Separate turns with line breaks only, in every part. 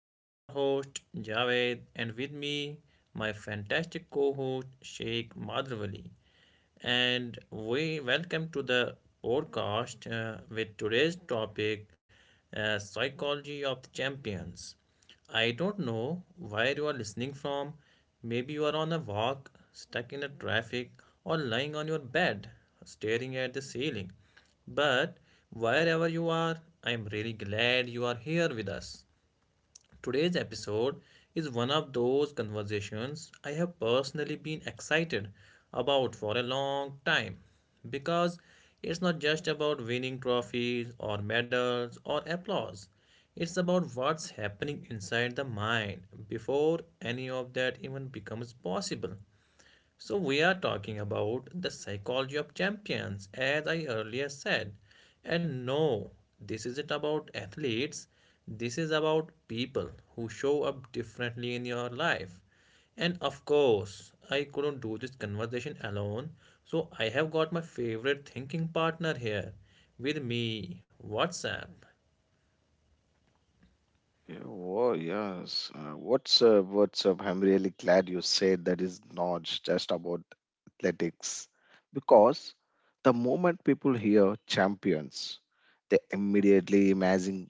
I am your host Javed, and with me, my fantastic co host Sheikh Madravali, and we welcome to the podcast with today's topic, Psychology of the Champions. I don't know where you are listening from. Maybe you are on a walk, stuck in a traffic, or lying on your bed, staring at the ceiling. But wherever you are, I am really glad you are here with us. Today's episode is one of those conversations I have personally been excited about for a long time because it's not just about winning trophies or medals or applause. It's about what's happening inside the mind before any of that even becomes possible. So, we are talking about the psychology of champions, as I earlier said. And no, this isn't about athletes, this is about people who show up differently in your life. And of course, I couldn't do this conversation alone, so I have got my favorite thinking partner here with me, WhatsApp.
What's up? I'm really glad you said that is not just about athletics because the moment people hear champions, they immediately imagine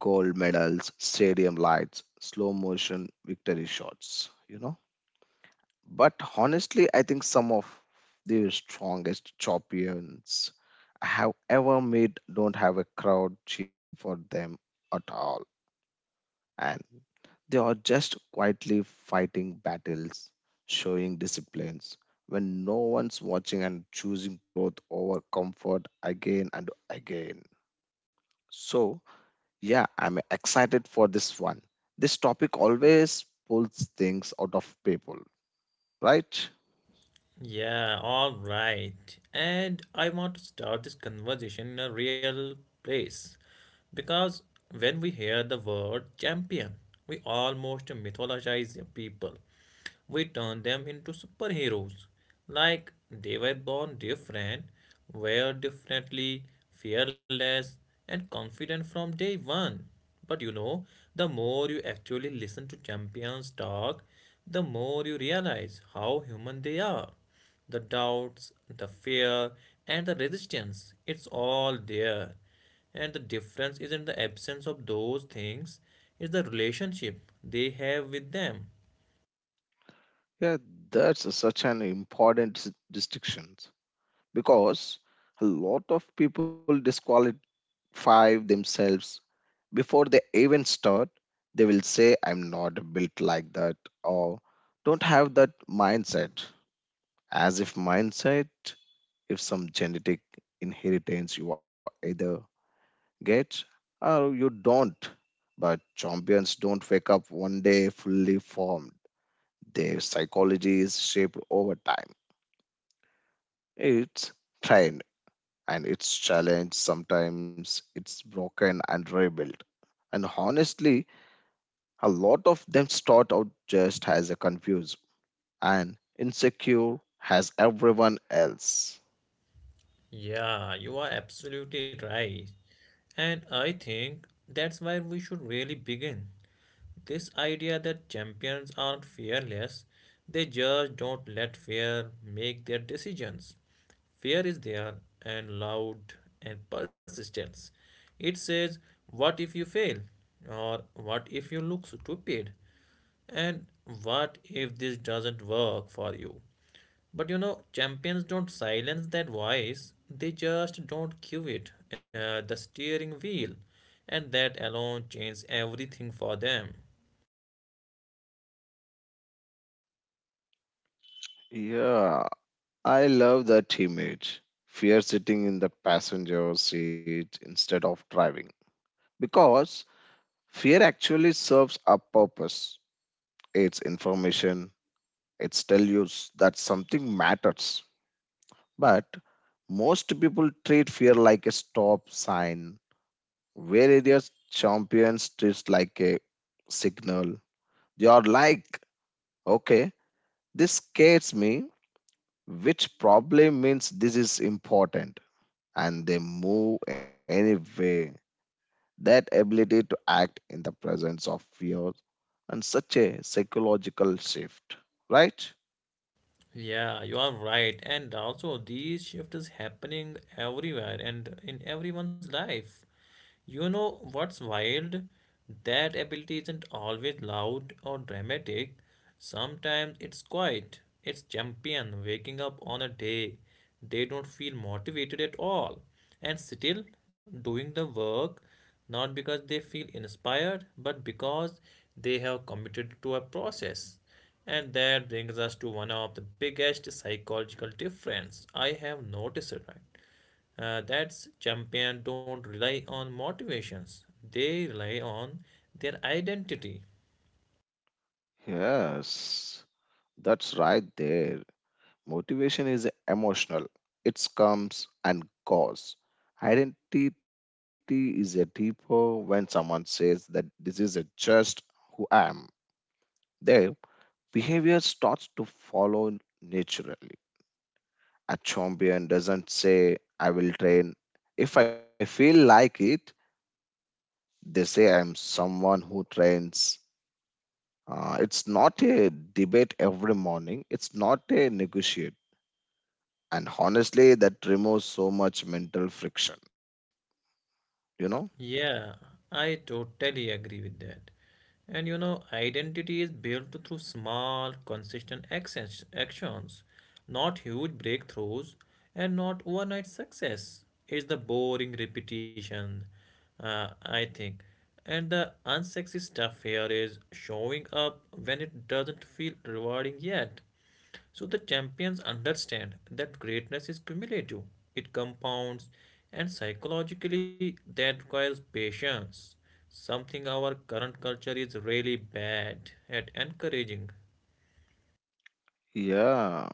gold medals, stadium lights, slow motion victory shots. But honestly, I think some of the strongest champions I have ever met don't have a crowd cheering for them at all and they are just quietly fighting battles, showing disciplines when no one's watching and choosing growth over comfort again and again. So, yeah, I'm excited for this one. This topic always pulls things out of people, right?
Yeah, all right. And I want to start this conversation in a real place because when we hear the word champion, we almost mythologize the people. We turn them into superheroes, like they were born different, were definitely fearless and confident from day one. But you know, the more you actually listen to champions talk, the more you realize how human they are. The doubts, the fear, and the resistance, it's all there. And the difference isn't the absence of those things, it's the relationship they have with them.
Yeah, that's such an important distinction because a lot of people disqualify themselves before they even start, they will say, I'm not built like that, or don't have that mindset. As if mindset is some genetic inheritance you either get or you don't. But champions don't wake up one day fully formed. Their psychology is shaped over time. It's trained and it's challenged sometimes, it's broken and rebuilt. And honestly, a lot of them start out just as a confused and insecure as everyone else.
Yeah, you are absolutely right. And I think that's where we should really begin. This idea that champions aren't fearless, they just don't let fear make their decisions. Fear is there and loud and persistence. It says, what if you fail? Or what if you look stupid? And what if this doesn't work for you? But you know, champions don't silence that voice, they just don't give it the steering wheel, and that alone changes everything for them.
Yeah, I love that image. Fear sitting in the passenger seat instead of driving. Because fear actually serves a purpose. It's information, it's tell you that something matters. But most people treat fear like a stop sign, whereas champions treat like a signal. You're like, okay, this scares me, which probably means this is important. And they move anyway. That ability to act in the presence of fear and such a psychological shift, right?
Yeah, you are right. And also, these shift is happening everywhere and in everyone's life. You know what's wild? That ability isn't always loud or dramatic. Sometimes it's quiet. It's champion waking up on a day they don't feel motivated at all and still doing the work, not because they feel inspired but because they have committed to a process. And that brings us to one of the biggest psychological difference I have noticed, right? That's champions don't rely on motivations. They rely on their identity.
Yes, that's right there. Motivation is emotional, it comes and goes. Identity is a deeper when someone says that this is a just who I am. They behavior starts to follow naturally. A champion doesn't say, I will train. If I feel like it, they say I'm someone who trains. It's not a debate every morning, it's not a negotiate. And honestly, that removes so much mental friction, you know?
Yeah, I totally agree with that. And you know, identity is built through small, consistent actions, actions, not huge breakthroughs, and not overnight success. It's the boring repetition, I think. And the unsexy stuff here is showing up when it doesn't feel rewarding yet. So the champions understand that greatness is cumulative, it compounds, and psychologically that requires patience, something our current culture is really bad at encouraging.
Yeah,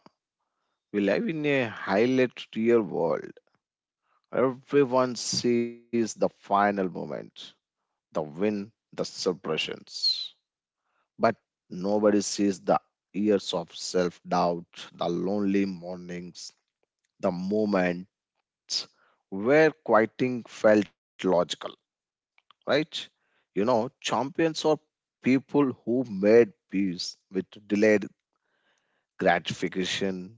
we live in a highlight real world. Everyone sees the final moment. The win, the suppressions. But nobody sees the years of self doubt, the lonely mornings, the moments where quieting felt logical, right? You know, champions are people who made peace with delayed gratification.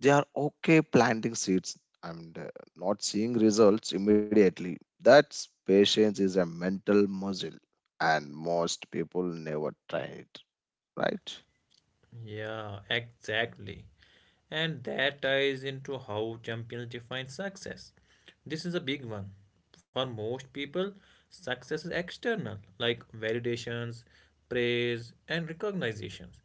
They are okay planting seeds and not seeing results immediately. That's patience is a mental muscle, and most people never try it, right?
Yeah, exactly. And that ties into how champions define success. This is a big one. For most people, success is external, like validations, praise, and recognitions.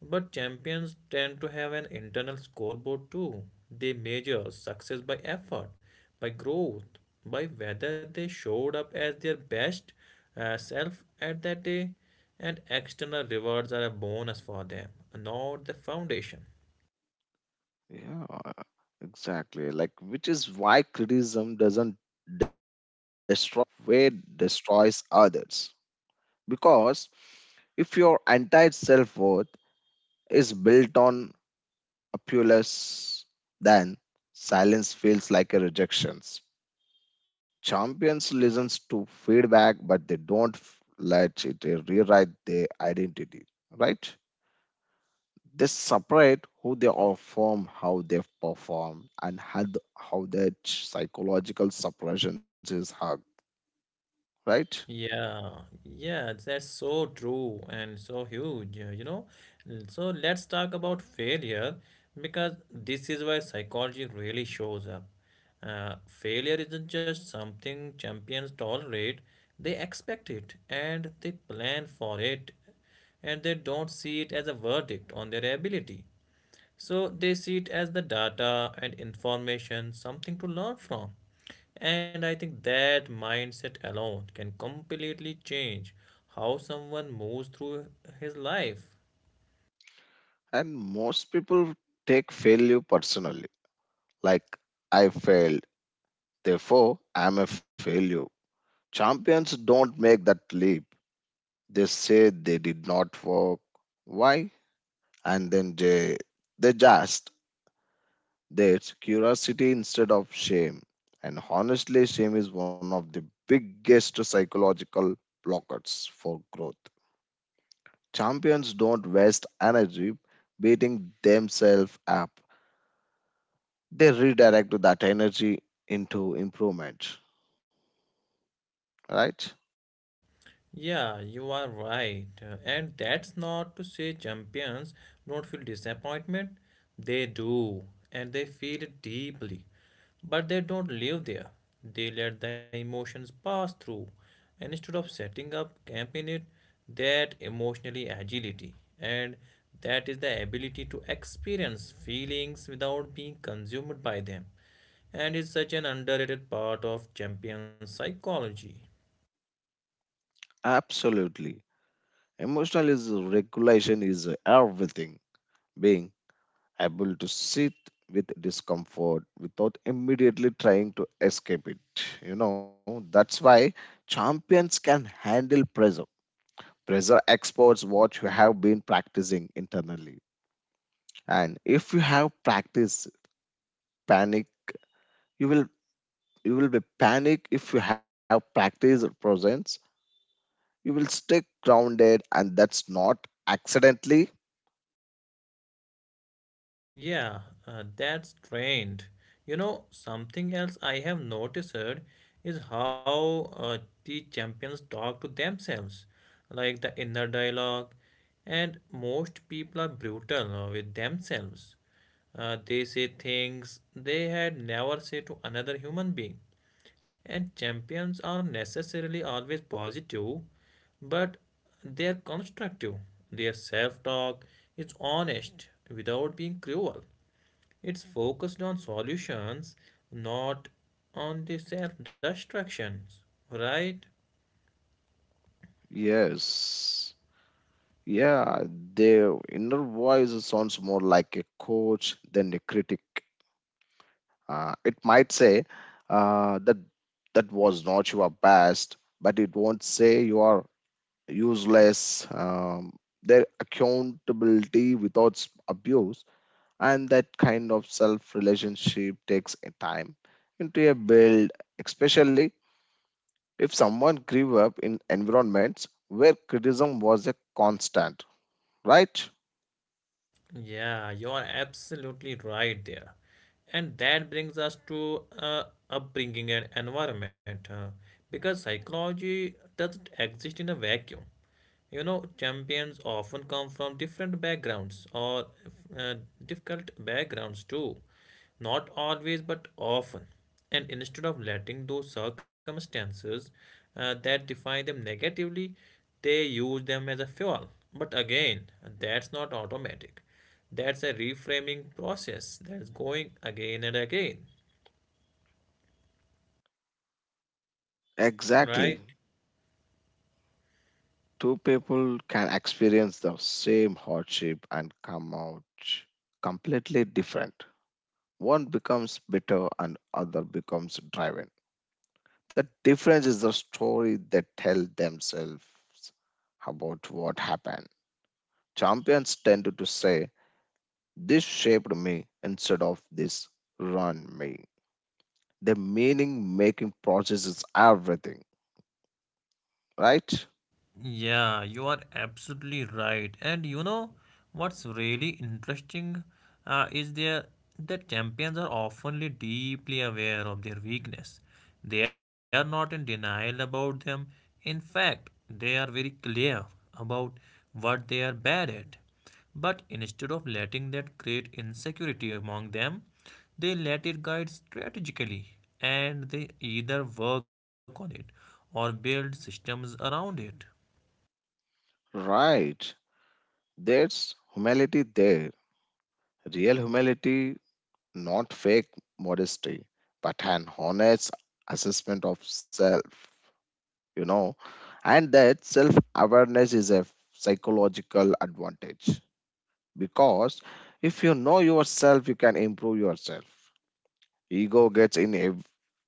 But champions tend to have an internal scoreboard too. They measure success by effort, by growth, by whether they showed up as their best self at that day, and external rewards are a bonus for them, not the foundation.
Yeah, exactly. Like, which is why criticism doesn't destroy them the way it destroys others. Because if your entire self worth is built on appeals, then silence feels like a rejection. Champions listens to feedback, but they don't let it rewrite their identity, right? They separate who they are from, how they perform, and how, how that psychological separation is hugged, right?
Yeah, yeah, that's so true and so huge, So let's talk about failure because this is where psychology really shows up. Failure isn't just something champions tolerate, they expect it and they plan for it and they don't see it as a verdict on their ability. So they see it as the data and information, something to learn from. And I think that mindset alone can completely change how someone moves through his life.
And most people take failure personally, like I failed, therefore I'm a failure. Champions don't make that leap. They say they did not work. Why? And then they just that's curiosity instead of shame. And honestly, shame is one of the biggest psychological blockers for growth. Champions don't waste energy beating themselves up, they redirect that energy into improvement, right?
Yeah, you are right. And that's not to say champions don't feel disappointment. They do, and they feel it deeply. But they don't live there. They let the emotions pass through. And instead of setting up camp in it, that emotionally agility. And that is the ability to experience feelings without being consumed by them. And is such an underrated part of champion psychology.
Absolutely. Emotional is regulation is everything. Being able to sit with discomfort without immediately trying to escape it. You know, that's why champions can handle pressure. Pressure exports what you have been practicing internally. And if you have practiced panic, you will you will be panic if you have practiced presence. You will stay grounded, and that's not accidentally. That's a trainer.
Yeah,
You know.
that's trained. You know, something else I have noticed is how the champions talk to themselves, like the inner dialogue, and most people are brutal with themselves. They say things they had never said to another human being. And champions are necessarily always positive, but they are constructive. Their self talk is honest without being cruel. It's focused on solutions, not on the self destructions, right?
Yes. Yeah, their inner voice sounds more like a coach than a critic. It might say that that was not your best, but it won't say you are useless. Their accountability without abuse and that kind of self relationship takes a time into a build, especially if someone grew up in environments where criticism was a constant, right?
Yeah, you're absolutely right there. And that brings us to upbringing and environment because psychology doesn't exist in a vacuum. You know, champions often come from different backgrounds or uh, difficult backgrounds too. Not always, but often. And instead of letting those circumstances that define them negatively, they use them as a fuel. But again, that's not automatic. That's a reframing process that's going again and again,
Exactly.
right?
Two people can experience the same hardship and come out completely different. One becomes bitter and other becomes driven. The difference is the story they tell themselves about what happened. Champions tend to say, this shaped me instead of this run me. The meaning making process is everything, right?
Yeah, you are absolutely right. And you know what's really interesting is there that champions are often deeply aware of their weakness. They are not in denial about them. In fact, they are very clear about what they are bad at. But instead of letting that create insecurity among them, they let it guide strategically and they either work on it or build systems around it.
Right. There's humility there. Real humility not fake modesty, but an honest assessment of self, you know. And that self awareness is a psychological advantage because if you know yourself, you can improve yourself. Ego gets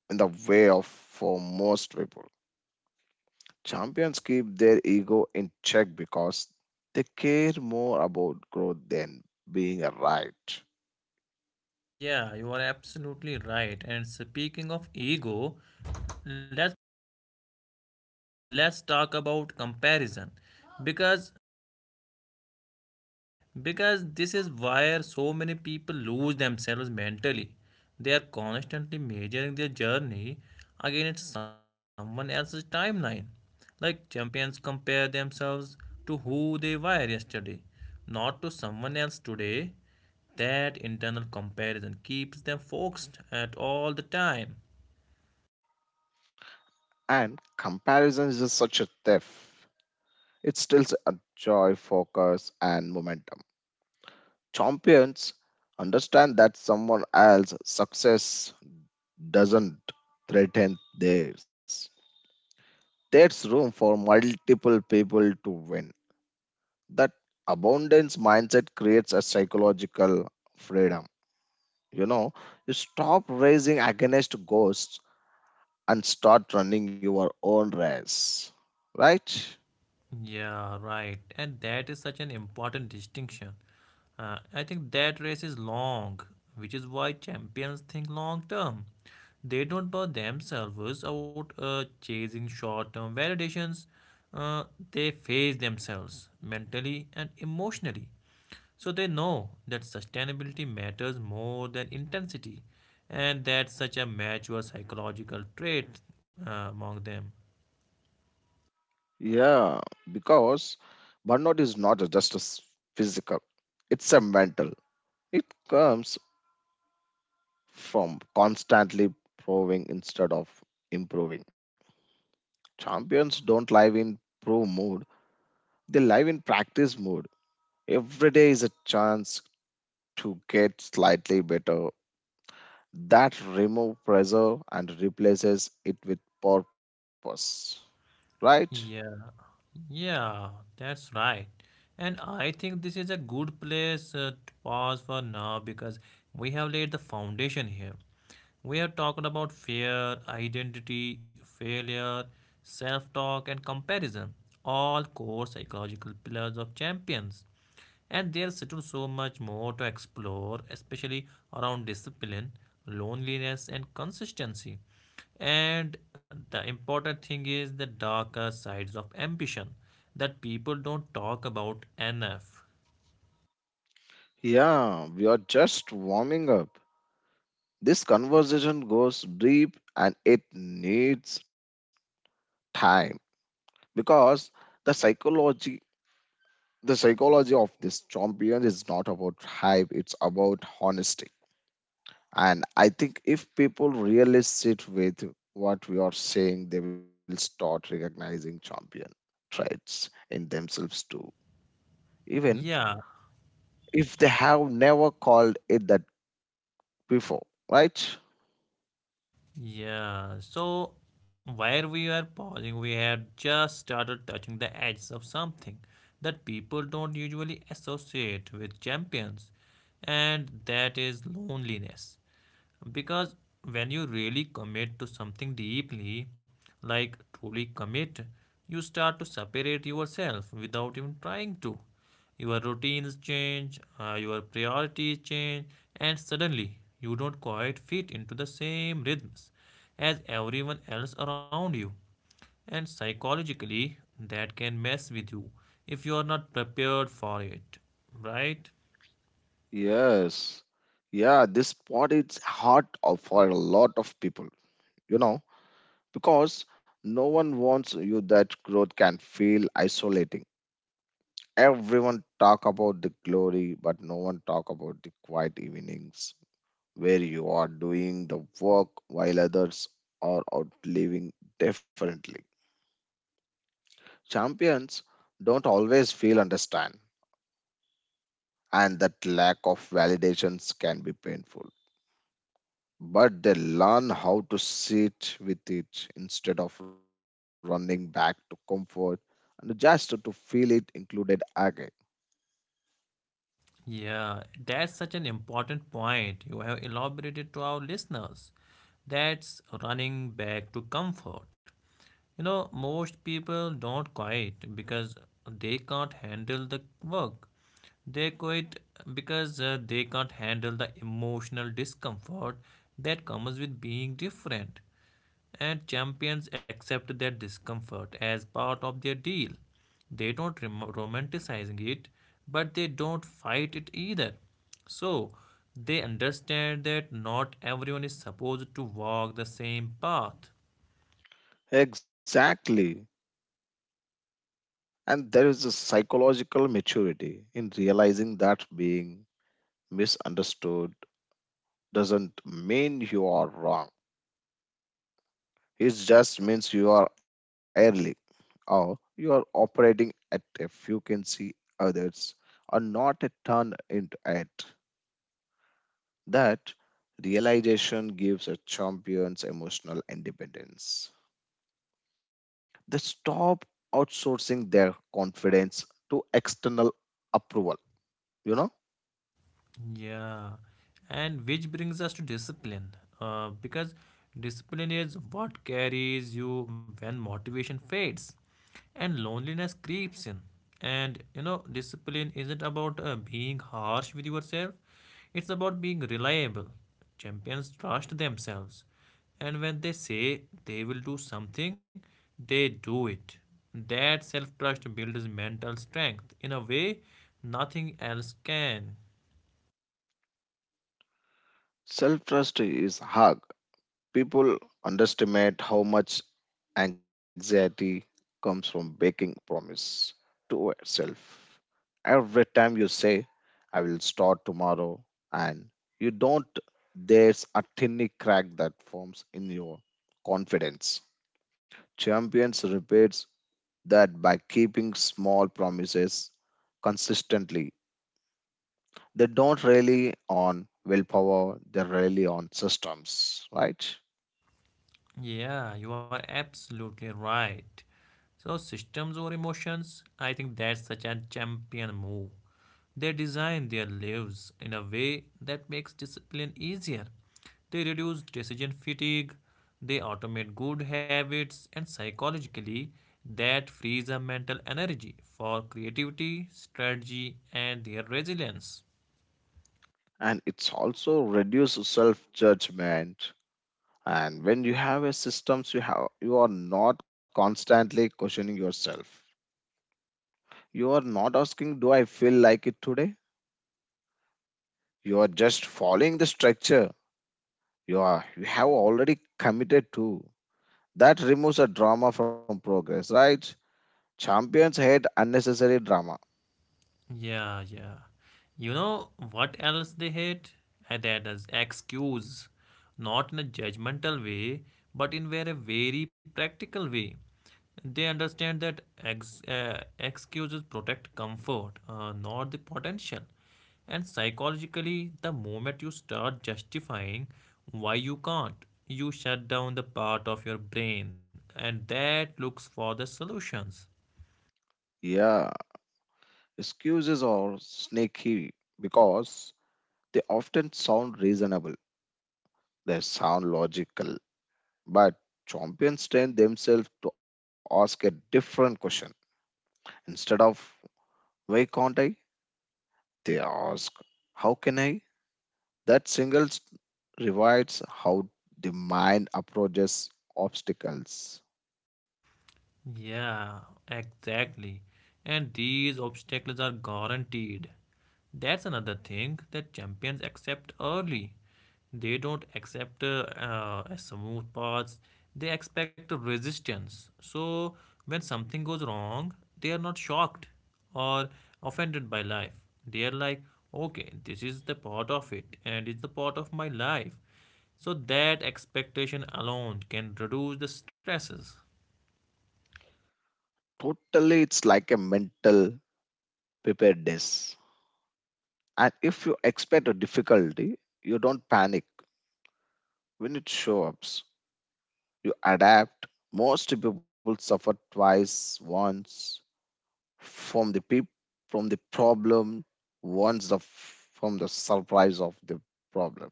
in the way of for most people. Champions keep their ego in check because they care more about growth than being right.
Yeah, you are absolutely right. And speaking of ego, let's let's talk about comparison because because this is where so many people lose themselves mentally. They are constantly measuring their journey against someone else's timeline. Like champions compare themselves to who they were yesterday, not to someone else today. That internal comparison keeps them focused at all the time.
And comparison is such a theft. It still a joy, focus, and momentum. Champions understand that someone else's success doesn't threaten theirs. There's room for multiple people to win. That abundance mindset creates a psychological freedom. You know, you stop racing against ghosts and start running your own race. Right?
Yeah, right. And that is such an important distinction. I think that race is long, which is why champions think long term. They don't bore themselves out chasing short term validations. Uh, they face themselves mentally and emotionally. So they know that sustainability matters more than intensity, and that's such a mature psychological trait among them.
Yeah, because burnout is not just a physical. It's a mental. It comes from constantly proving instead of improving. Champions don't live in pro mode, they live in practice mode. Every day is a chance to get slightly better. That removes pressure and replaces it with purpose. Right?
Yeah. Yeah, that's right. And I think this is a good place to pause for now because we have laid the foundation here. We have talked about fear, identity, failure, self talk, and comparison, all core psychological pillars of champions. And there's still so much more to explore, especially around discipline, loneliness, and consistency. And the important thing is the darker sides of ambition that people don't talk about enough.
Yeah, we are just warming up. This conversation goes deep and it needs time because the psychology The psychology of this champion is not about hype, it's about honesty. And I think if people really sit with what we are saying, they will start recognizing champion traits in themselves too, even
Yeah.
if they have never called it that before, right?
Yeah, so where we are pausing, we have just started touching the edges of something that people don't usually associate with champions, and that is loneliness because when you really commit to something deeply, like truly commit, you start to separate yourself without even trying to. Your routines change, your priorities change, and suddenly you don't quite fit into the same rhythms as everyone else around you, and psychologically that can mess with you if you are not prepared for it, right?
Yes. Yeah, this spot is hard for a lot of people, you know, because no one wants you that growth can feel isolating. Everyone talk about the glory, but no one talk about the quiet evenings where you are doing the work while others are out living differently. Champions don't always feel understand, and that lack of validations can be painful. But they learn how to sit with it instead of running back to comfort and just to feel it included again.
Yeah, that's such an important point you have elaborated to our listeners. That's running back to comfort. You know, most people don't quit because they can't handle the work. They quit because they can't handle the emotional discomfort that comes with being different. And champions accept that discomfort as part of their deal. They don't romanticizing it, but they don't fight it either. So they understand that not everyone is supposed to walk the same path.
Exactly. And there is a psychological maturity in realizing that being misunderstood doesn't mean you are wrong. It just means you are early or you are operating at a frequency others are not a turn into at. That realization gives a champion's emotional independence. They stop outsourcing their confidence to external approval, you know?
Yeah, and which brings us to discipline, because discipline is what carries you when motivation fades and loneliness creeps in. And you know, discipline isn't about being harsh with yourself, it's about being reliable. Champions trust themselves, and when they say they will do something, they do it. That self trust builds mental strength in a way nothing else can.
Self trust is hard. People underestimate how much anxiety comes from making promise to yourself. Every time you say, I will start tomorrow, and you don't, there's a tiny crack that forms in your confidence. Champions repeats that by keeping small promises consistently, they don't rely on willpower, they rely on systems, right?
Yeah, you are absolutely right. So, systems or emotions, I think that's such a champion move. They design their lives in a way that makes discipline easier. They reduce decision fatigue, they automate good habits, and psychologically, that frees up mental energy for creativity, strategy, and their resilience.
And it's also reduce self judgment, and when you have a systems you have you are not constantly questioning yourself, you are not asking do I feel like it today, you are just following the structure you are you have already committed to. That removes a drama from progress, right? Champions hate unnecessary drama.
Yeah, yeah. You know what else they hate? That is excuse. Not in a judgmental way, but in very, very practical way. They understand that excuses protect comfort, not the potential. And psychologically, the moment you start justifying why you can't, you shut down the part of your brain and that looks for the solutions.
Yeah, excuses are sneaky because they often sound reasonable, they sound logical. But champions train themselves to ask a different question. Instead of why can't I, they ask how can I? That single revives how the mind approaches obstacles.
Yeah, exactly. And these obstacles are guaranteed. That's another thing that champions accept early. They don't accept a smooth paths, they expect resistance. So, when something goes wrong, they are not shocked or offended by life. They are like, okay, this is the part of it, and it's the part of my life. So, that expectation alone can reduce the stresses.
Totally, it's like a mental preparedness. And if you expect a difficulty, you don't panic. When it shows up, you adapt. Most people suffer twice, once, from the peop from the problem wants the from the surprise of the problem.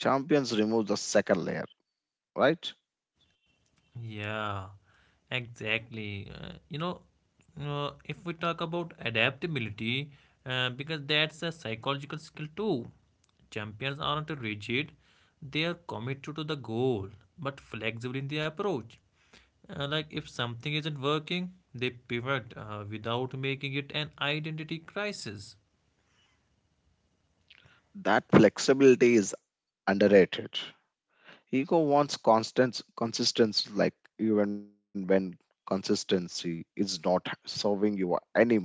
Champions remove the second layer, right?
Yeah, exactly. If we talk about adaptability, because that's a psychological skill too. Champions aren't rigid, they are committed to the goal, but flexible in their approach. Like if something isn't working, they pivot without making it an identity crisis.
That flexibility is underrated. Ego wants constant consistency, like even when consistency is not serving you anymore.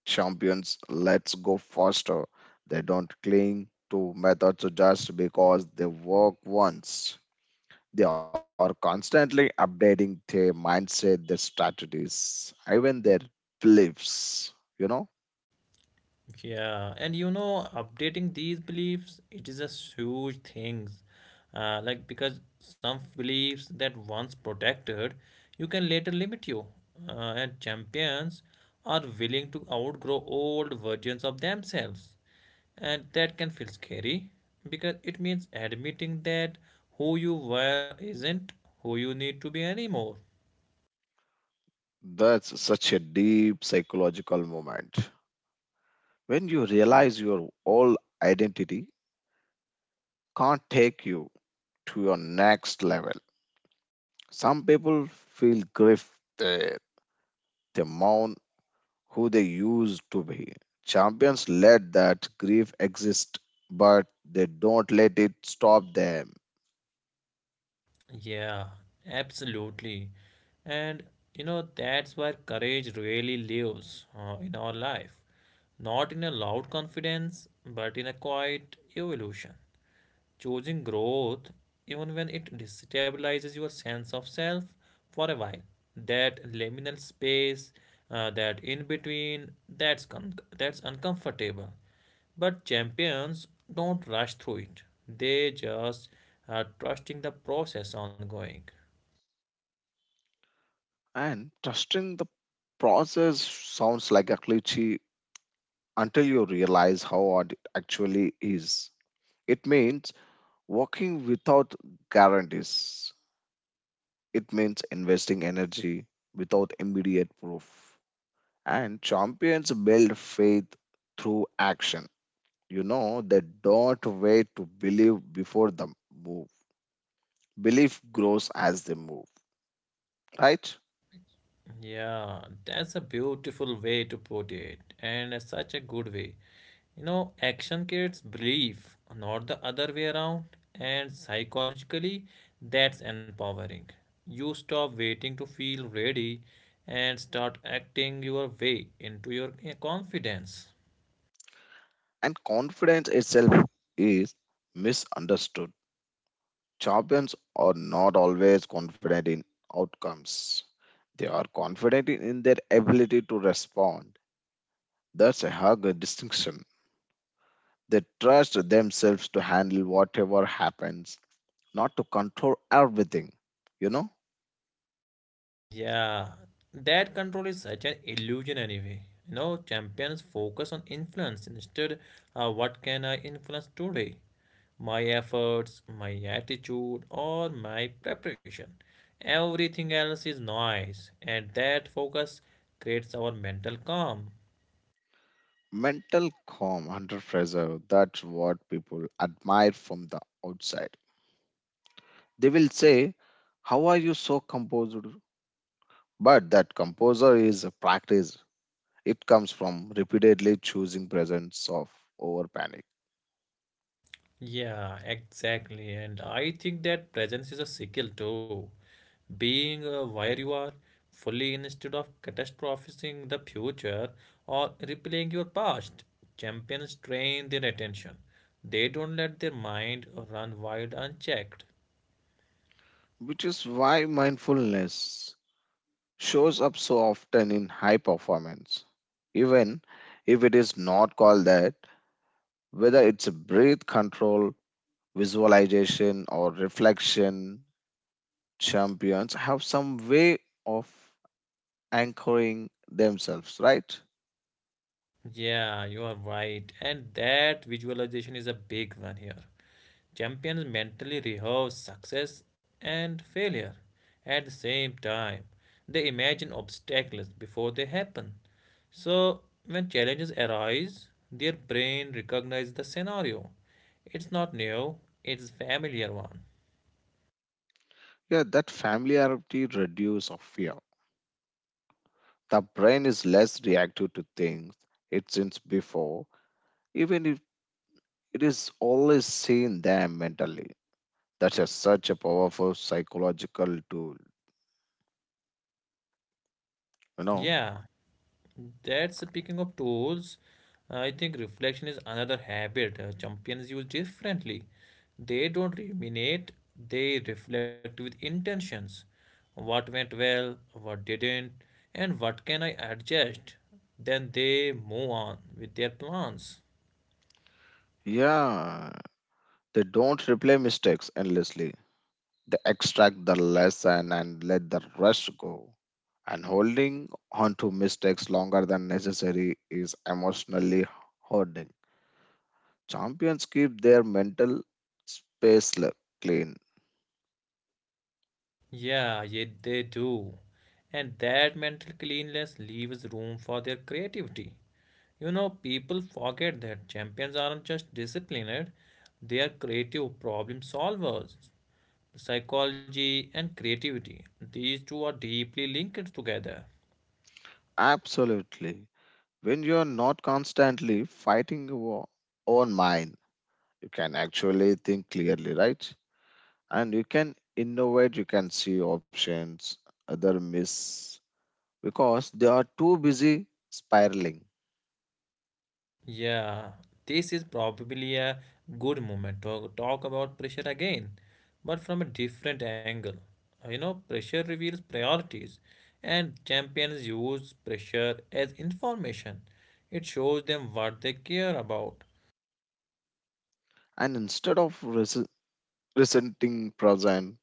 Champions let's go faster. They don't cling to methods just because they work once. They are constantly updating their mindset, their strategies, even their beliefs. You know,
Yeah, and you know, updating these beliefs, it is a huge thing. Like because some beliefs that once protected, you can later limit you. And champions are willing to outgrow old versions of themselves. And that can feel scary because it means admitting that who you were isn't who you need to be anymore.
that's such a deep psychological moment. When you realize your old identity can't take you to your next level, some people feel grief there. They mourn who they used to be. Champions let that grief exist, but they don't let it stop them.
Yeah, absolutely. And you know, that's where courage really lives in our life. Not in a loud confidence, but in a quiet evolution, choosing growth even when it destabilizes your sense of self for a while. That liminal space, that in between, that's that's uncomfortable, but champions don't rush through it. They just are trusting the process ongoing.
And trusting the process sounds like a cliche until you realize how hard it actually is. It means working without guarantees, it means investing energy without immediate proof. And champions build faith through action. You know, they don't wait to believe before they move. Belief grows as they move, right?
Yeah, that's a beautiful way to put it, and such a good way. You know, action creates belief, not the other way around, and psychologically, that's empowering. You stop waiting to feel ready and start acting your way into your confidence.
And confidence itself is misunderstood. Champions are not always confident in outcomes. They are confident in their ability to respond. That's a hard distinction. They trust themselves to handle whatever happens, not to control everything. You know,
Yeah, that control is such an illusion anyway. You know, champions focus on influence instead. What can I influence today? My efforts, my attitude, or my preparation. Everything else is noise, and that focus creates our mental calm.
mental calm under pressure, that's what people admire from the outside. They will say, how are you so composed? But that composure is a practice, it comes from repeatedly choosing presence of over panic,
Yeah, exactly. And I think that presence is a skill too. Being where you are fully instead of catastrophizing the future or replaying your past. Champions train their attention. They don't let their mind run wild unchecked.
which is why mindfulness shows up so often in high performance. Even if it is not called that, whether it's breath control, visualization, or reflection, champions have some way of anchoring themselves, right?
Yeah, you are right. And that visualization is a big one here. Champions mentally rehearse success and failure at the same time. They imagine obstacles before they happen. So, when challenges arise, their brain recognizes the scenario. It's not new, it's a familiar one.
Yeah, that familiarity reduces of fear. The brain is less reactive to things it since before, even it is always seen there mentally. That's such a powerful psychological tool. You know?
Yeah, that's speaking of tools, I think reflection is another habit champions use differently. They don't ruminate, they reflect with intentions. What went well, what didn't, and what can I adjust? Then they move on with their plans.
Yeah. They don't replay mistakes endlessly. They extract the lesson and let the rest go. And holding on to mistakes longer than necessary is emotionally hoarding. Champions keep their mental space clean.
Yeah, yeah, they do. And that mental cleanliness leaves room for their creativity. You know, people forget that champions aren't just disciplined, they are creative problem solvers. Psychology and creativity, these two are deeply linked together.
Absolutely. When you are not constantly fighting your own mind, you can actually think clearly, right? And you can innovate, you can see options other miss because they are too busy spiraling.
Yeah, this is probably a good moment to talk about pressure again, but from a different angle. You know, pressure reveals priorities, and champions use pressure as information. It shows them what they care about.
And instead of resenting present,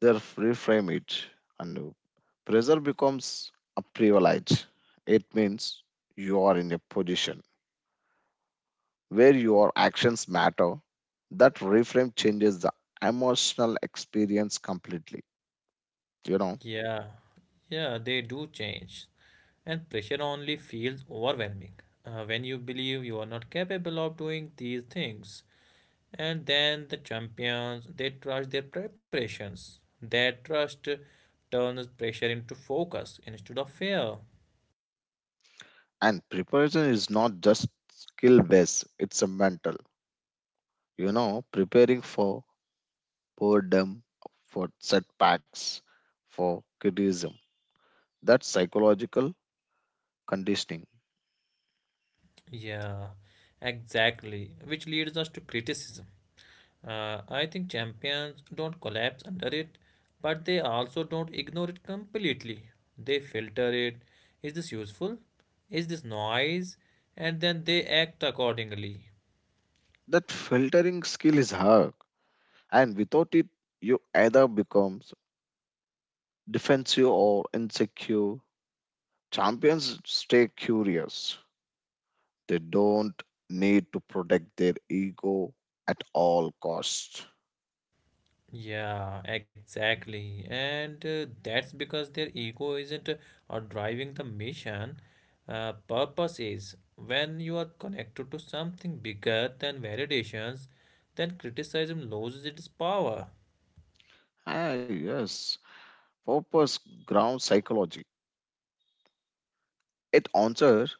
they reframe it, and pressure becomes a privilege. It means you are in a position where your actions matter. That reframe changes the emotional experience completely, you know?
Yeah, yeah, they do change, and pressure only feels overwhelming when you believe you are not capable of doing these things. And then the champions, they trust their preparations. Their trust turns pressure into focus instead of fear.
And preparation is not just skill based, it's a mental, you know preparing for boredom, for setbacks, for criticism, that psychological conditioning.
Yeah, exactly. Which leads us to criticism. I think champions don't collapse under it, but they also don't ignore it completely. They filter it. Is this useful? Is this noise? And then they act accordingly.
That filtering skill is hard, and without it you either becomes defensive or insecure. Champions stay curious, they don't need to protect their ego at all costs.
Yeah, exactly. And that's because their ego isn't or driving the mission. Purpose is when you are connected to something bigger than validations, then criticism loses its power.
Ah yes, purpose ground psychology. It answers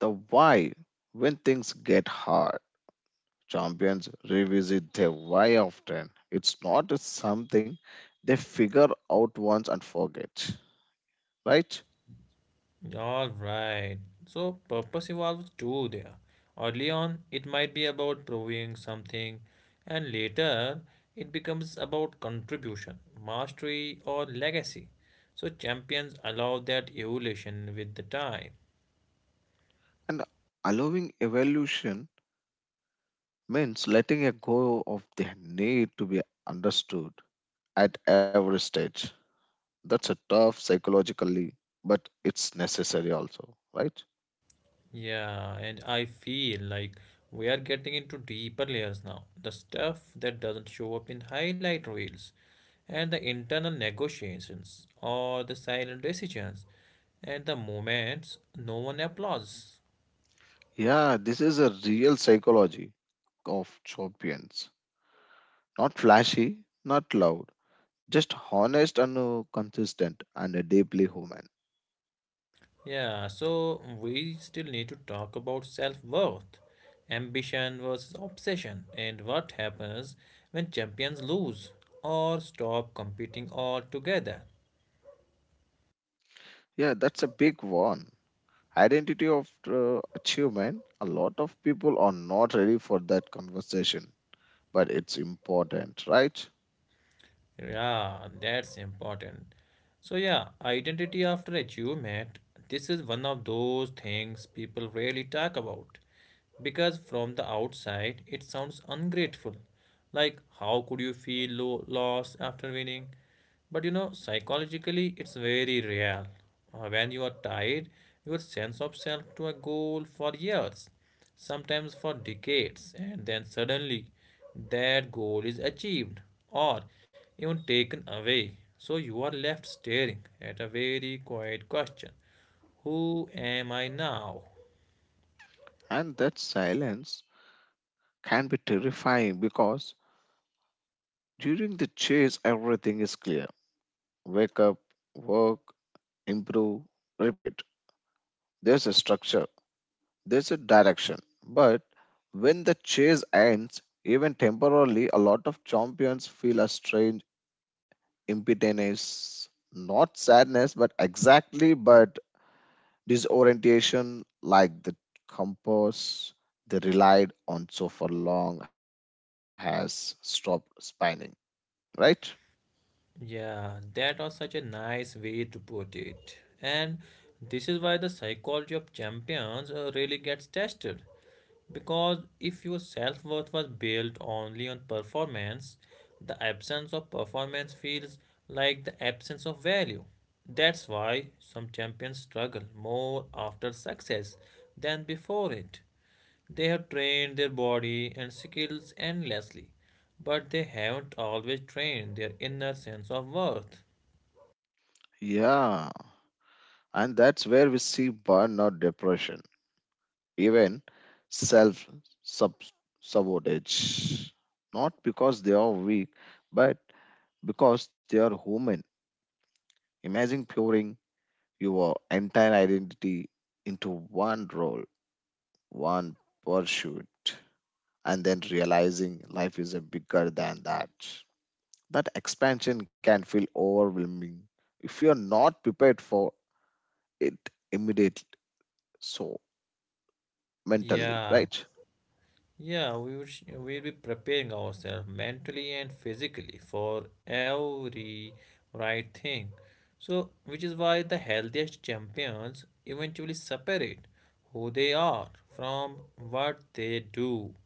the why when things get hard. Champions revisit their why often. It's not something they figure out once and forget, right?
All right. So purpose evolves too there. Early on, it might be about proving something, and later it becomes about contribution, mastery, or legacy. So champions allow that evolution with the time.
And allowing evolution means letting a go of their need to be understood at every stage. That's a tough psychologically, but it's necessary also, right?
Yeah, and I feel like we are getting into deeper layers now. The stuff that doesn't show up in highlight reels, and the internal negotiations or the silent decisions. At the moment, no one applauds.
Yeah, this is a real psychology of champions. Not flashy, not loud, just honest and consistent and deeply human.
Yeah, so we still need to talk about self worth, ambition versus obsession, and what happens when champions lose or stop competing altogether.
Yeah, that's a big one. Identity of achievement. A lot of people are not ready for that conversation, but it's important, right?
Yeah, that's important. So, yeah, identity after achievement, this is one of those things people rarely talk about. Because from the outside, it sounds ungrateful. Like, how could you feel low, lost after winning? But you know, psychologically, it's very real. When you are tied, your sense of self to a goal for years, sometimes for decades, and then suddenly that goal is achieved or even taken away. So you are left staring at a very quiet question. Who am I now?
And that silence can be terrifying because during the chase, everything is clear. Wake up, work, improve, repeat. There's a structure. There's a direction. But when the chase ends, even temporarily, a lot of champions feel a strange impotence, not sadness, but exactly, but disorientation, like the compass they relied on so for long has stopped spinning. Right?
Yeah, that was such a nice way to put it. And this is why the psychology of champions really gets tested. Because if your self worth was built only on performance, the absence of performance feels like the absence of value. That's why some champions struggle more after success than before it. They have trained their body and skills endlessly, but they haven't always trained their inner sense of worth.
Yeah. And that's where we see burnout depression, even self sabotage. Not because they are weak, but because they are human. Imagine pouring your entire identity into one role, one pursuit, and then realizing life is a bigger than that. That expansion can feel overwhelming if you're not prepared for it immediately. So mentally,
Yeah.
right?
Yeah, we would we'll be preparing ourselves mentally and physically for every right thing. So, which is why the healthiest champions eventually separate who they are from what they do.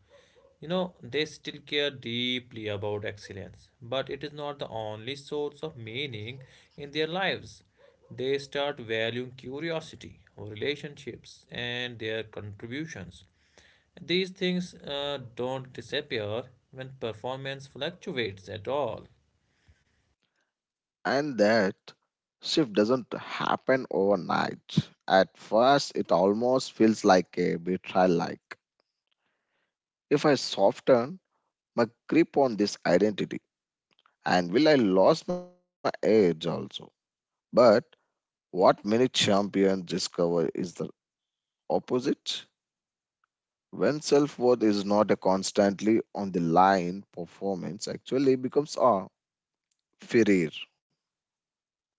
You know, they still care deeply about excellence, but it is not the only source of meaning in their lives. They start valuing curiosity, relationships, and their contributions. These things don't disappear when performance fluctuates at all.
And that shift doesn't happen overnight. At first, it almost feels like a betrayal, like, if I soften my grip on this identity, and will I lose my edge also? But what many champions discover is the opposite. When self worth is not a constantly on the line, performance actually becomes a failure.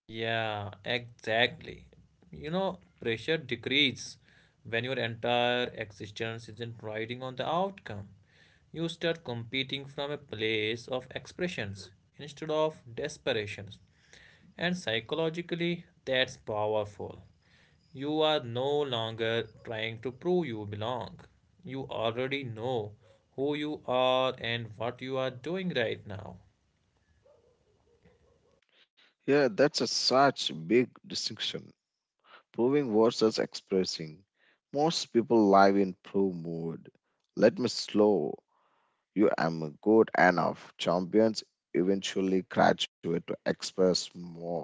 Yeah, exactly. You know, pressure decreases when your entire existence isn't riding on the outcome. You start competing from a place of expressions instead of desperations. And psychologically, that's powerful. You are no longer trying to prove you belong. You already know who you are and what you are doing right now.
Yeah, that's a such big distinction. Proving versus expressing. Most people live in prove mode. Let me slow. You am good enough. Champions eventually graduate to express more.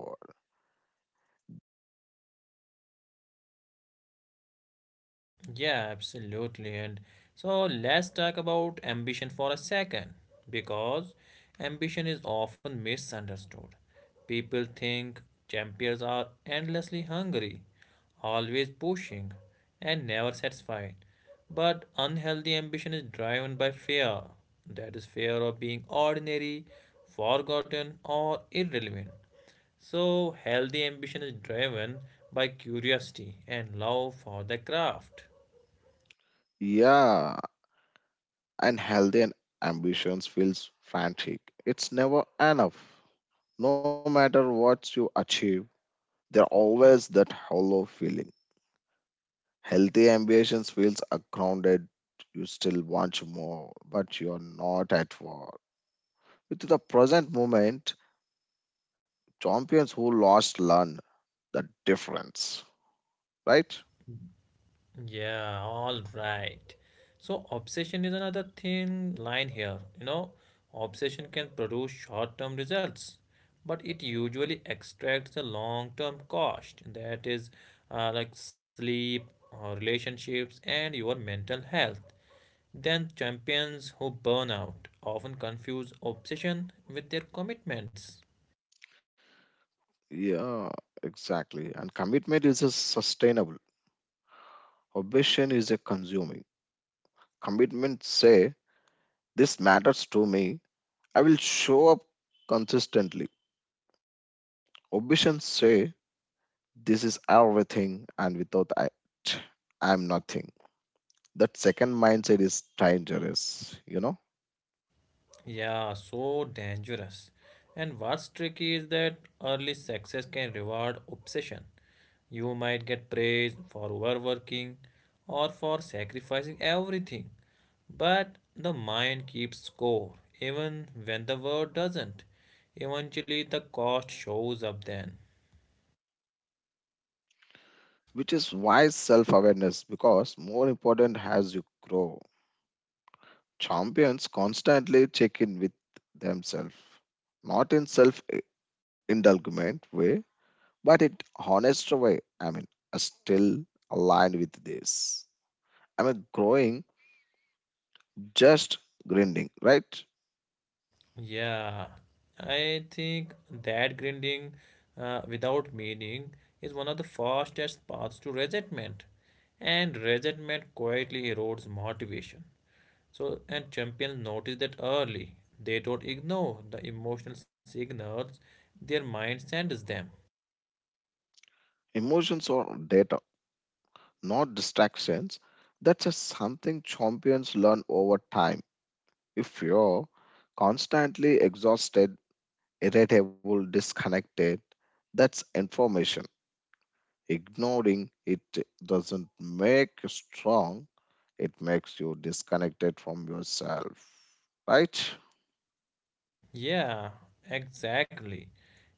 Yeah, absolutely. And so let's talk about ambition for a second because ambition is often misunderstood. People think champions are endlessly hungry, always pushing, and never satisfied. But unhealthy ambition is driven by fear. That is, fear of being ordinary, forgotten, or irrelevant. So, healthy ambition is driven by curiosity and love for the craft.
Yeah, and healthy and ambitions feels frantic. It's never enough. No matter what you achieve, there always that hollow feeling. Healthy ambitions feels grounded. You still want more, but you're not at war. With the present moment, champions who lost learn the difference, right?
Yeah, all right. So, obsession is another thin line here. You know, obsession can produce short term results, but it usually extracts the long term cost. That is, like sleep, or relationships, and your mental health. Then, champions who burn out often confuse obsession with their commitments.
Yeah, exactly. And commitment is a sustainable. Obsession is a consuming. Commitment say this matters to me. I will show up consistently. Obsession say this is everything and without it I am nothing. That second mindset is dangerous, you know?
Yeah, so dangerous. And what's tricky is that early success can reward obsession. You might get praised for overworking or for sacrificing everything, but the mind keeps score even when the world doesn't. Eventually, the cost shows up then.
Which is why self awareness because more important as you grow. Champions constantly check in with themselves, not in self indulgent way, but in honest way. I mean, are still aligned with this. I mean, growing just grinding, right?
Yeah, I think that grinding without meaning is one of the fastest paths to resentment, and resentment quietly erodes motivation. So, and champions notice that early. They don't ignore the emotional signals their mind sends them.
Emotions or data, not distractions. That's just something champions learn over time. If you're constantly exhausted irritable, disconnected. That's information. Ignoring it doesn't make you strong, it makes you disconnected from yourself. Right?
Yeah, exactly.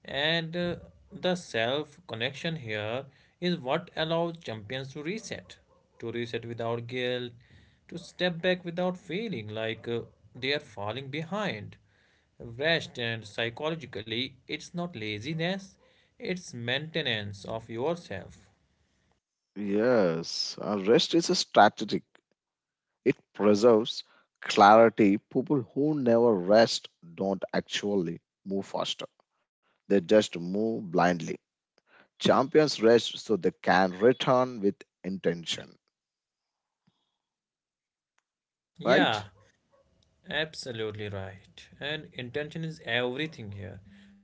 And the self connection here is what allows champions to reset without guilt, to step back without feeling like they are falling behind. Rest and psychologically, it's not laziness, it's maintenance of yourself.
Yes, rest is a strategic. It preserves clarity. People who never rest don't actually move faster. They just move blindly. Champions rest so they can return with intention, right?
Yeah, absolutely right. And intention is everything here.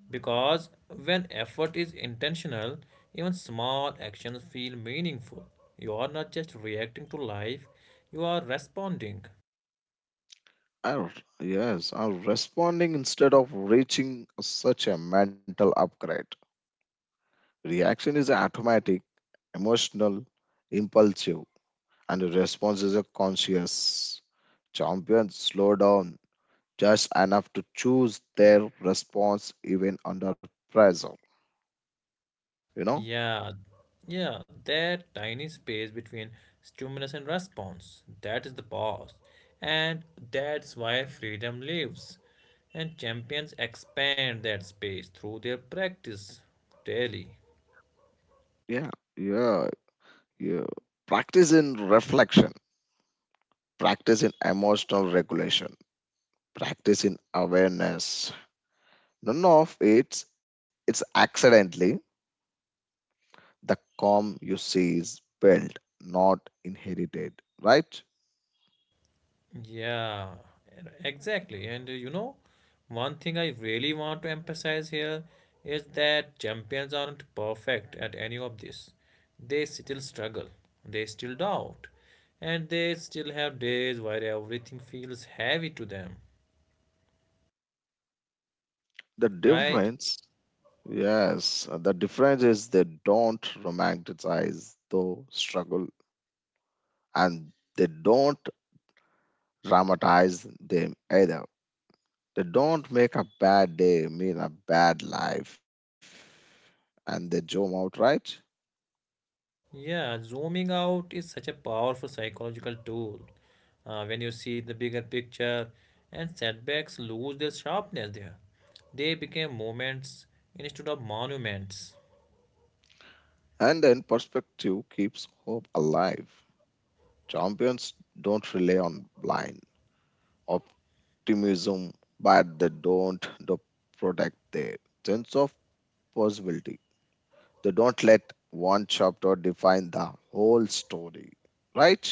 Because when effort is intentional, even small actions feel meaningful. You are not just reacting to life, you are responding.
Are, yes, are responding instead of reaching such a mental upgrade. Reaction is automatic, emotional, impulsive, and the response is a conscious. Champions slow down just enough to choose their response even under pressure. You know?
Yeah, yeah, that tiny space between stimulus and response, that is the pause. And that's why freedom lives. And champions expand that space through their practice daily.
Yeah, yeah, yeah. Practice in reflection, practice in emotional regulation, practice in awareness. None of it's accidentally. The calm you see is built, not inherited, right?
Yeah, exactly. And you know, one thing I really want to emphasize here is that champions aren't perfect at any of this. They still struggle, they still doubt, and they still have days where everything feels heavy to them,
The
right?
difference, yes, the difference is they don't romanticize the struggle and they don't dramatize them either. They don't make a bad day mean a bad life and they zoom out, right?
Yeah, zooming out is such a powerful psychological tool. When you see the bigger picture, and setbacks lose their sharpness there. They became moments instead of monuments.
And then perspective keeps hope alive. Champions don't rely on blind optimism, but they don't the protect their sense of possibility. They don't let one chapter define the whole story, right?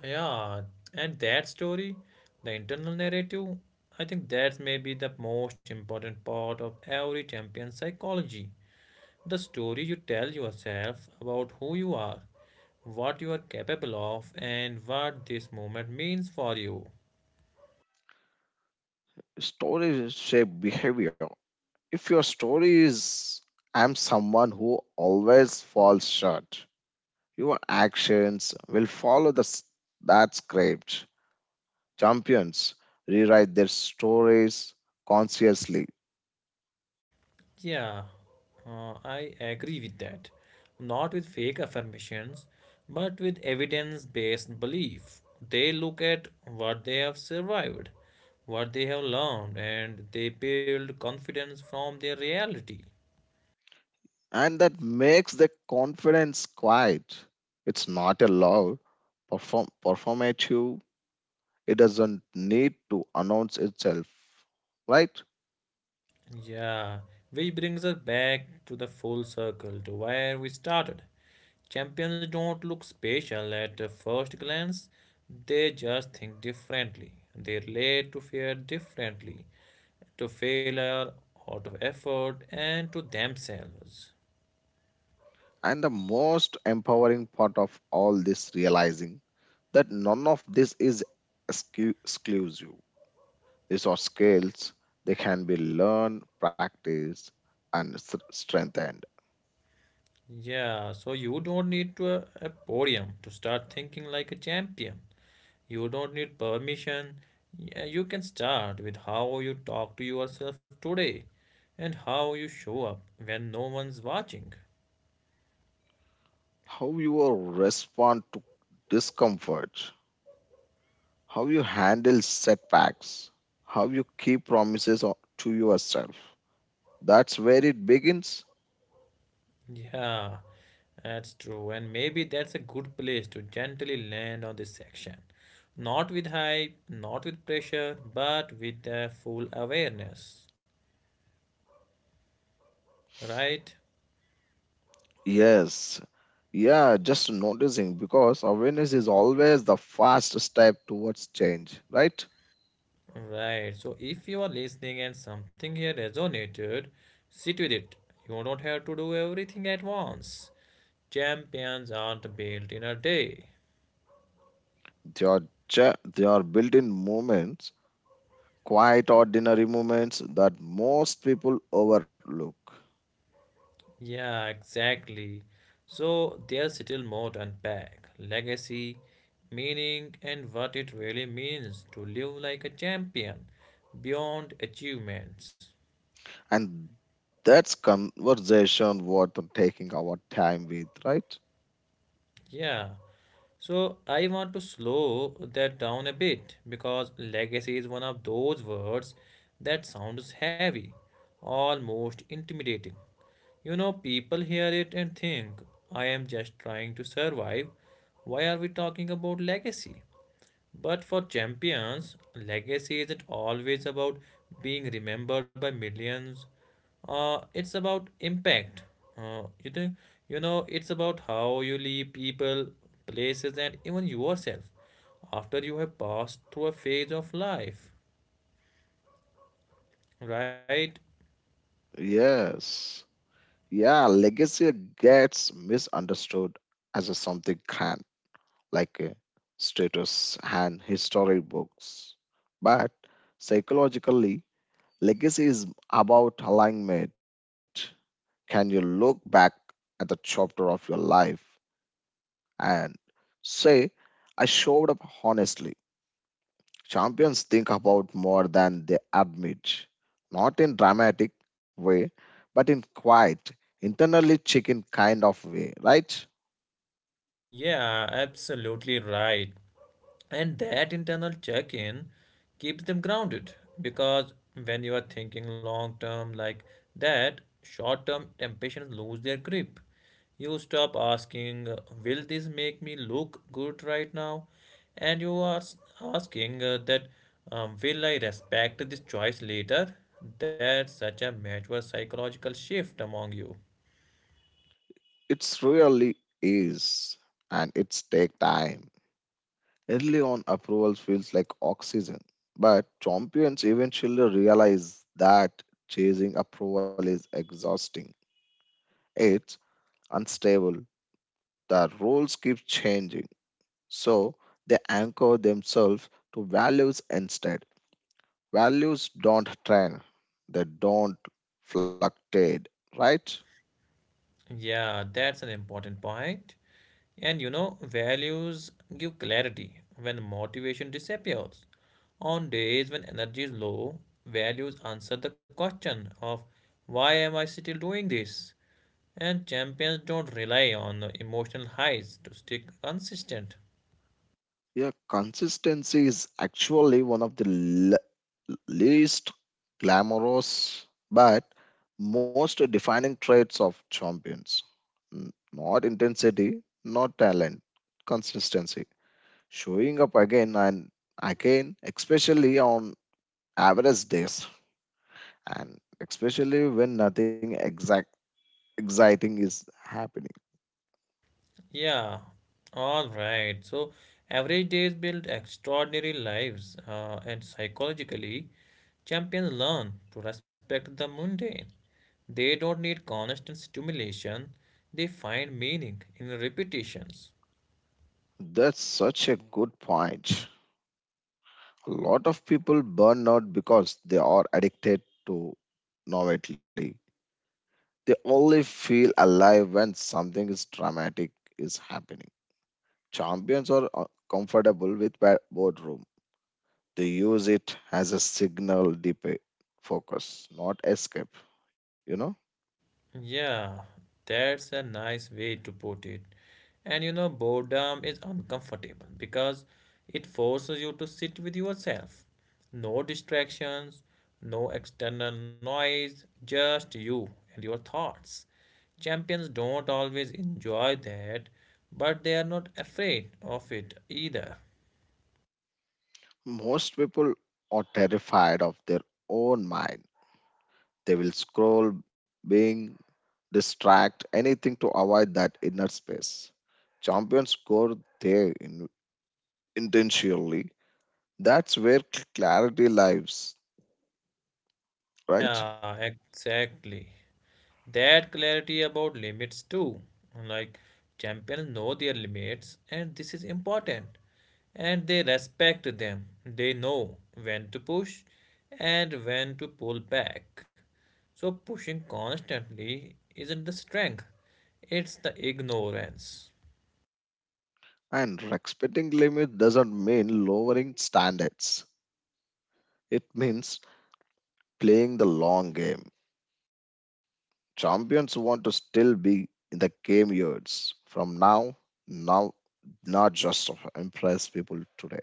Yeah, and that story, the internal narrative, I think that's maybe the most important part of every champion psychology. The story you tell yourself about who you are, what you are capable of, and what this moment means for you.
Stories shape behavior. If your story is, I'm someone who always falls short, your actions will follow the that script. Champions rewrite their stories consciously,
Yeah, I agree with that. Not with fake affirmations, but with evidence based belief. They look at what they have survived, what they have learned, and they build confidence from their reality.
and that makes the confidence quiet. It's not a loud performative. It doesn't need to announce itself, right?
Yeah, which brings us back to the full circle to where we started. Champions don't look special at the first glance, they just think differently. They relate to fear differently, to failure, or to effort, and to themselves.
And the most empowering part of all this realizing that none of this is exclusive. These are skills they can be learned, practiced, and strengthened.
Yeah, so you don't need to a podium to start thinking like a champion. You don't need permission. Yeah, you can start with how you talk to yourself today and how you show up when no one's watching.
How you will respond to discomfort, how you handle setbacks, how you keep promises to yourself. That's where it begins.
Yeah, that's true. And maybe that's a good place to gently land on this section. Not with hype, not with pressure, but with a full awareness. Right?
Yes. Yeah, just noticing because awareness is always the first step towards change, right?
Right. So if you are listening and something here resonated, sit with it. You don't have to do everything at once. Champions aren't built in a day.
They are, they are built in moments, quite ordinary moments that most people overlook.
Yeah, exactly. So there's still more to unpack. Legacy, meaning, and what it really means to live like a champion beyond achievements.
And that's conversation worth taking our time with, right?
Yeah. So I want to slow that down a bit because legacy is one of those words that sounds heavy, almost intimidating. You know, people hear it and think, "I am just trying to survive. Why are we talking about legacy?" But for champions, legacy isn't always about being remembered by millions. It's about impact. Uh, you know, it's about how you leave people, places, and even yourself after you have passed through a phase of life. Right?
Yes. Yeah, legacy gets misunderstood as a something grand, like a status and history books. But psychologically, legacy is about alignment. Can you look back at the chapter of your life and say, I showed up honestly? Champions think about more than they admit, not in dramatic way, but in quiet, internally chicken kind of way, right?
Yeah, absolutely right. And that internal check in keeps them grounded because when you are thinking long term like that, short term temptations lose their grip. You stop asking, "Will this make me look good right now?" And you are asking, "Will I respect this choice later?" That's such a major psychological shift among you.
It's really is, and it's take time. Early on, approval feels like oxygen, but champions eventually realize that chasing approval is exhausting. It's unstable. The roles keep changing, so they anchor themselves to values instead. Values don't trend; they don't fluctuate, right?
Yeah, that's an important point. And you know, values give clarity when motivation disappears. On days when energy is low, values answer the question of why am I still doing this? And champions don't rely on emotional highs to stay consistent.
Yeah, consistency is actually one of the least glamorous but most defining traits of champions. Not intensity, not talent, consistency. Showing up again and again, especially on average days, and especially when nothing exact exciting is happening.
Yeah, all right. So, average days build extraordinary lives, and psychologically, champions learn to respect the mundane. They don't need constant stimulation, they find meaning in repetitions.
That's such a good point. A lot of people burn out because they are addicted to novelty. They only feel alive when something is dramatic is happening. Champions are comfortable with boardroom. They use it as a signal debate, focus, not escape. You know,
Yeah, that's a nice way to put it. And you know, boredom is uncomfortable because it forces you to sit with yourself. No distractions, no external noise, just you and your thoughts. Champions don't always enjoy that, but they are not afraid of it either.
most people are terrified of their own mind. They will scroll, being distract, anything to avoid that inner space. Champions go there intentionally. That's where clarity lives, right?
Yeah, exactly. That clarity about limits too, like champions know their limits, and this is important, and they respect them. They know when to push and when to pull back. So pushing constantly isn't the strength, it's the ignorance.
And respecting limits doesn't mean lowering standards. It means playing the long game. Champions want to still be in the game years from now, now not just to impress people today.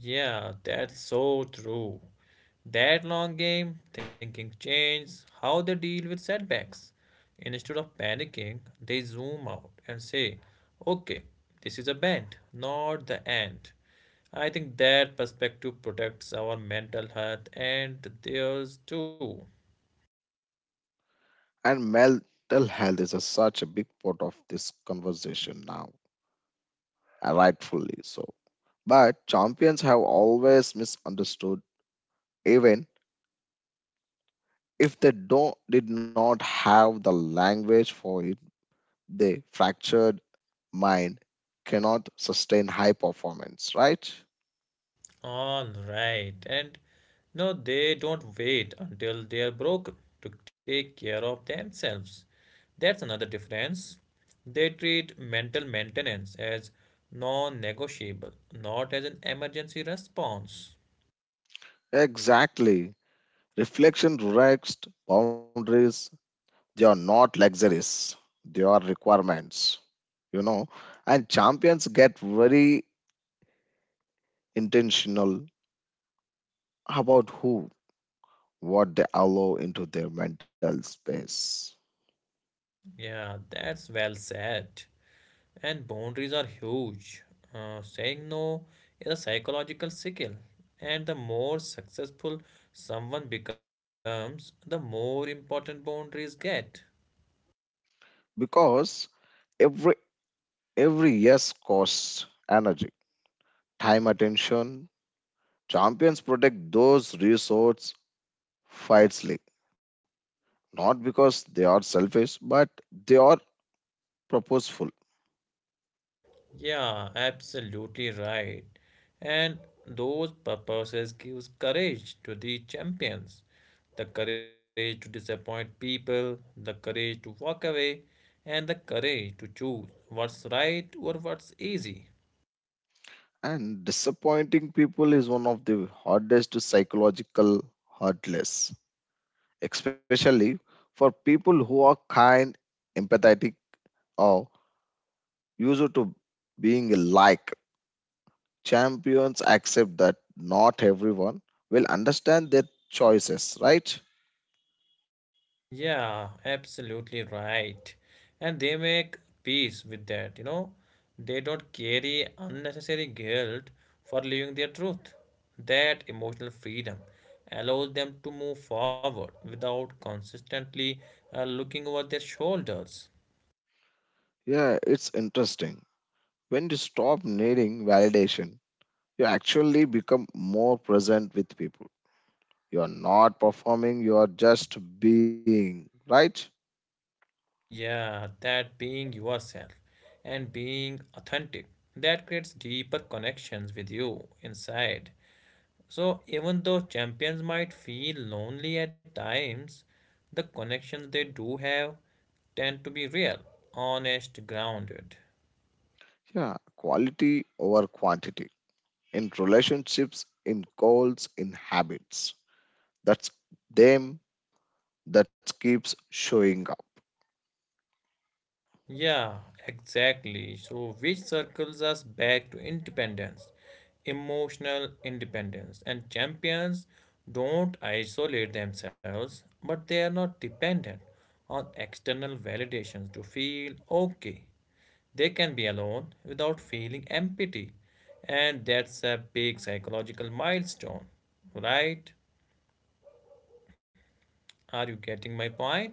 Yeah, that's so true. That long game thinking changed how they deal with setbacks. Instead of panicking, they zoom out and say, okay, this is a bend, not the end. I think that perspective protects our mental health and theirs too.
And mental health is such a big part of this conversation now, and rightfully so. But champions have always misunderstood, even if they don't did not have the language for it, the fractured mind cannot sustain high performance, right?
All right. And no, they don't wait until they're broken to take care of themselves. That's another difference. They treat mental maintenance as non negotiable, not as an emergency response.
Exactly. Reflection relaxed boundaries, they are not luxuries, they are requirements, you know. And champions get very intentional about who, what they allow into their mental space.
Yeah, that's well said. And boundaries are huge. Saying no is a psychological skill. And the more successful someone becomes, the more important boundaries get.
Because every every yes costs energy, time, attention. Champions protect those resources fights like not because they are selfish, but they are purposeful.
Yeah, absolutely right. And those purposes gives courage to the champions, the courage to disappoint people, the courage to walk away, and the courage to choose what's right or what's easy.
And disappointing people is one of the hardest psychological hurtless, especially for people who are kind, empathetic, or used to being liked. Champions accept that not everyone will understand their choices, right?
Yeah, absolutely right. And they make peace with that, you know. They don't carry unnecessary guilt for living their truth. That emotional freedom allows them to move forward without consistently looking over their shoulders.
Yeah, it's interesting. When you stop needing validation you actually become more present with people. You are not performing, you are just being, right?
Yeah, that being yourself and being authentic, that creates deeper connections with you inside. So even though champions might feel lonely at times, the connections they do have tend to be real, honest, grounded.
Yeah, quality over quantity in relationships, in goals, in habits. That's them that keeps showing up.
Yeah, exactly. So, which circles us back to independence, emotional independence, and champions don't isolate themselves, but they are not dependent on external validations to feel okay. They can be alone without feeling empty, and that's a big psychological milestone, right? Are you getting my point?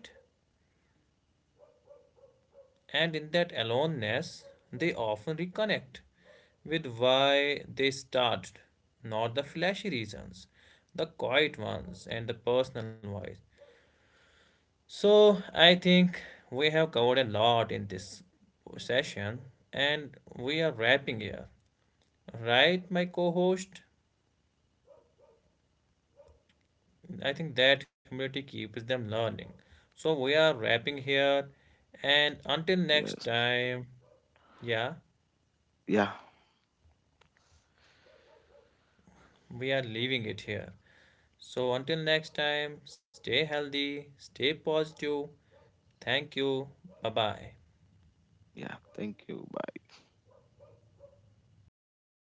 And in that aloneness, they often reconnect with why they started, not the flashy reasons, the quiet ones, and the personal ones. So, I think we have covered a lot in this session, and we are wrapping here. Right, my co host? I think that humility keeps them learning. So, we are wrapping here, and until next
Yes.
time, yeah,
Yeah.
we are leaving it here. So, until next time, stay healthy, stay positive. Thank you. Bye bye.
Yeah. Thank you. Bye.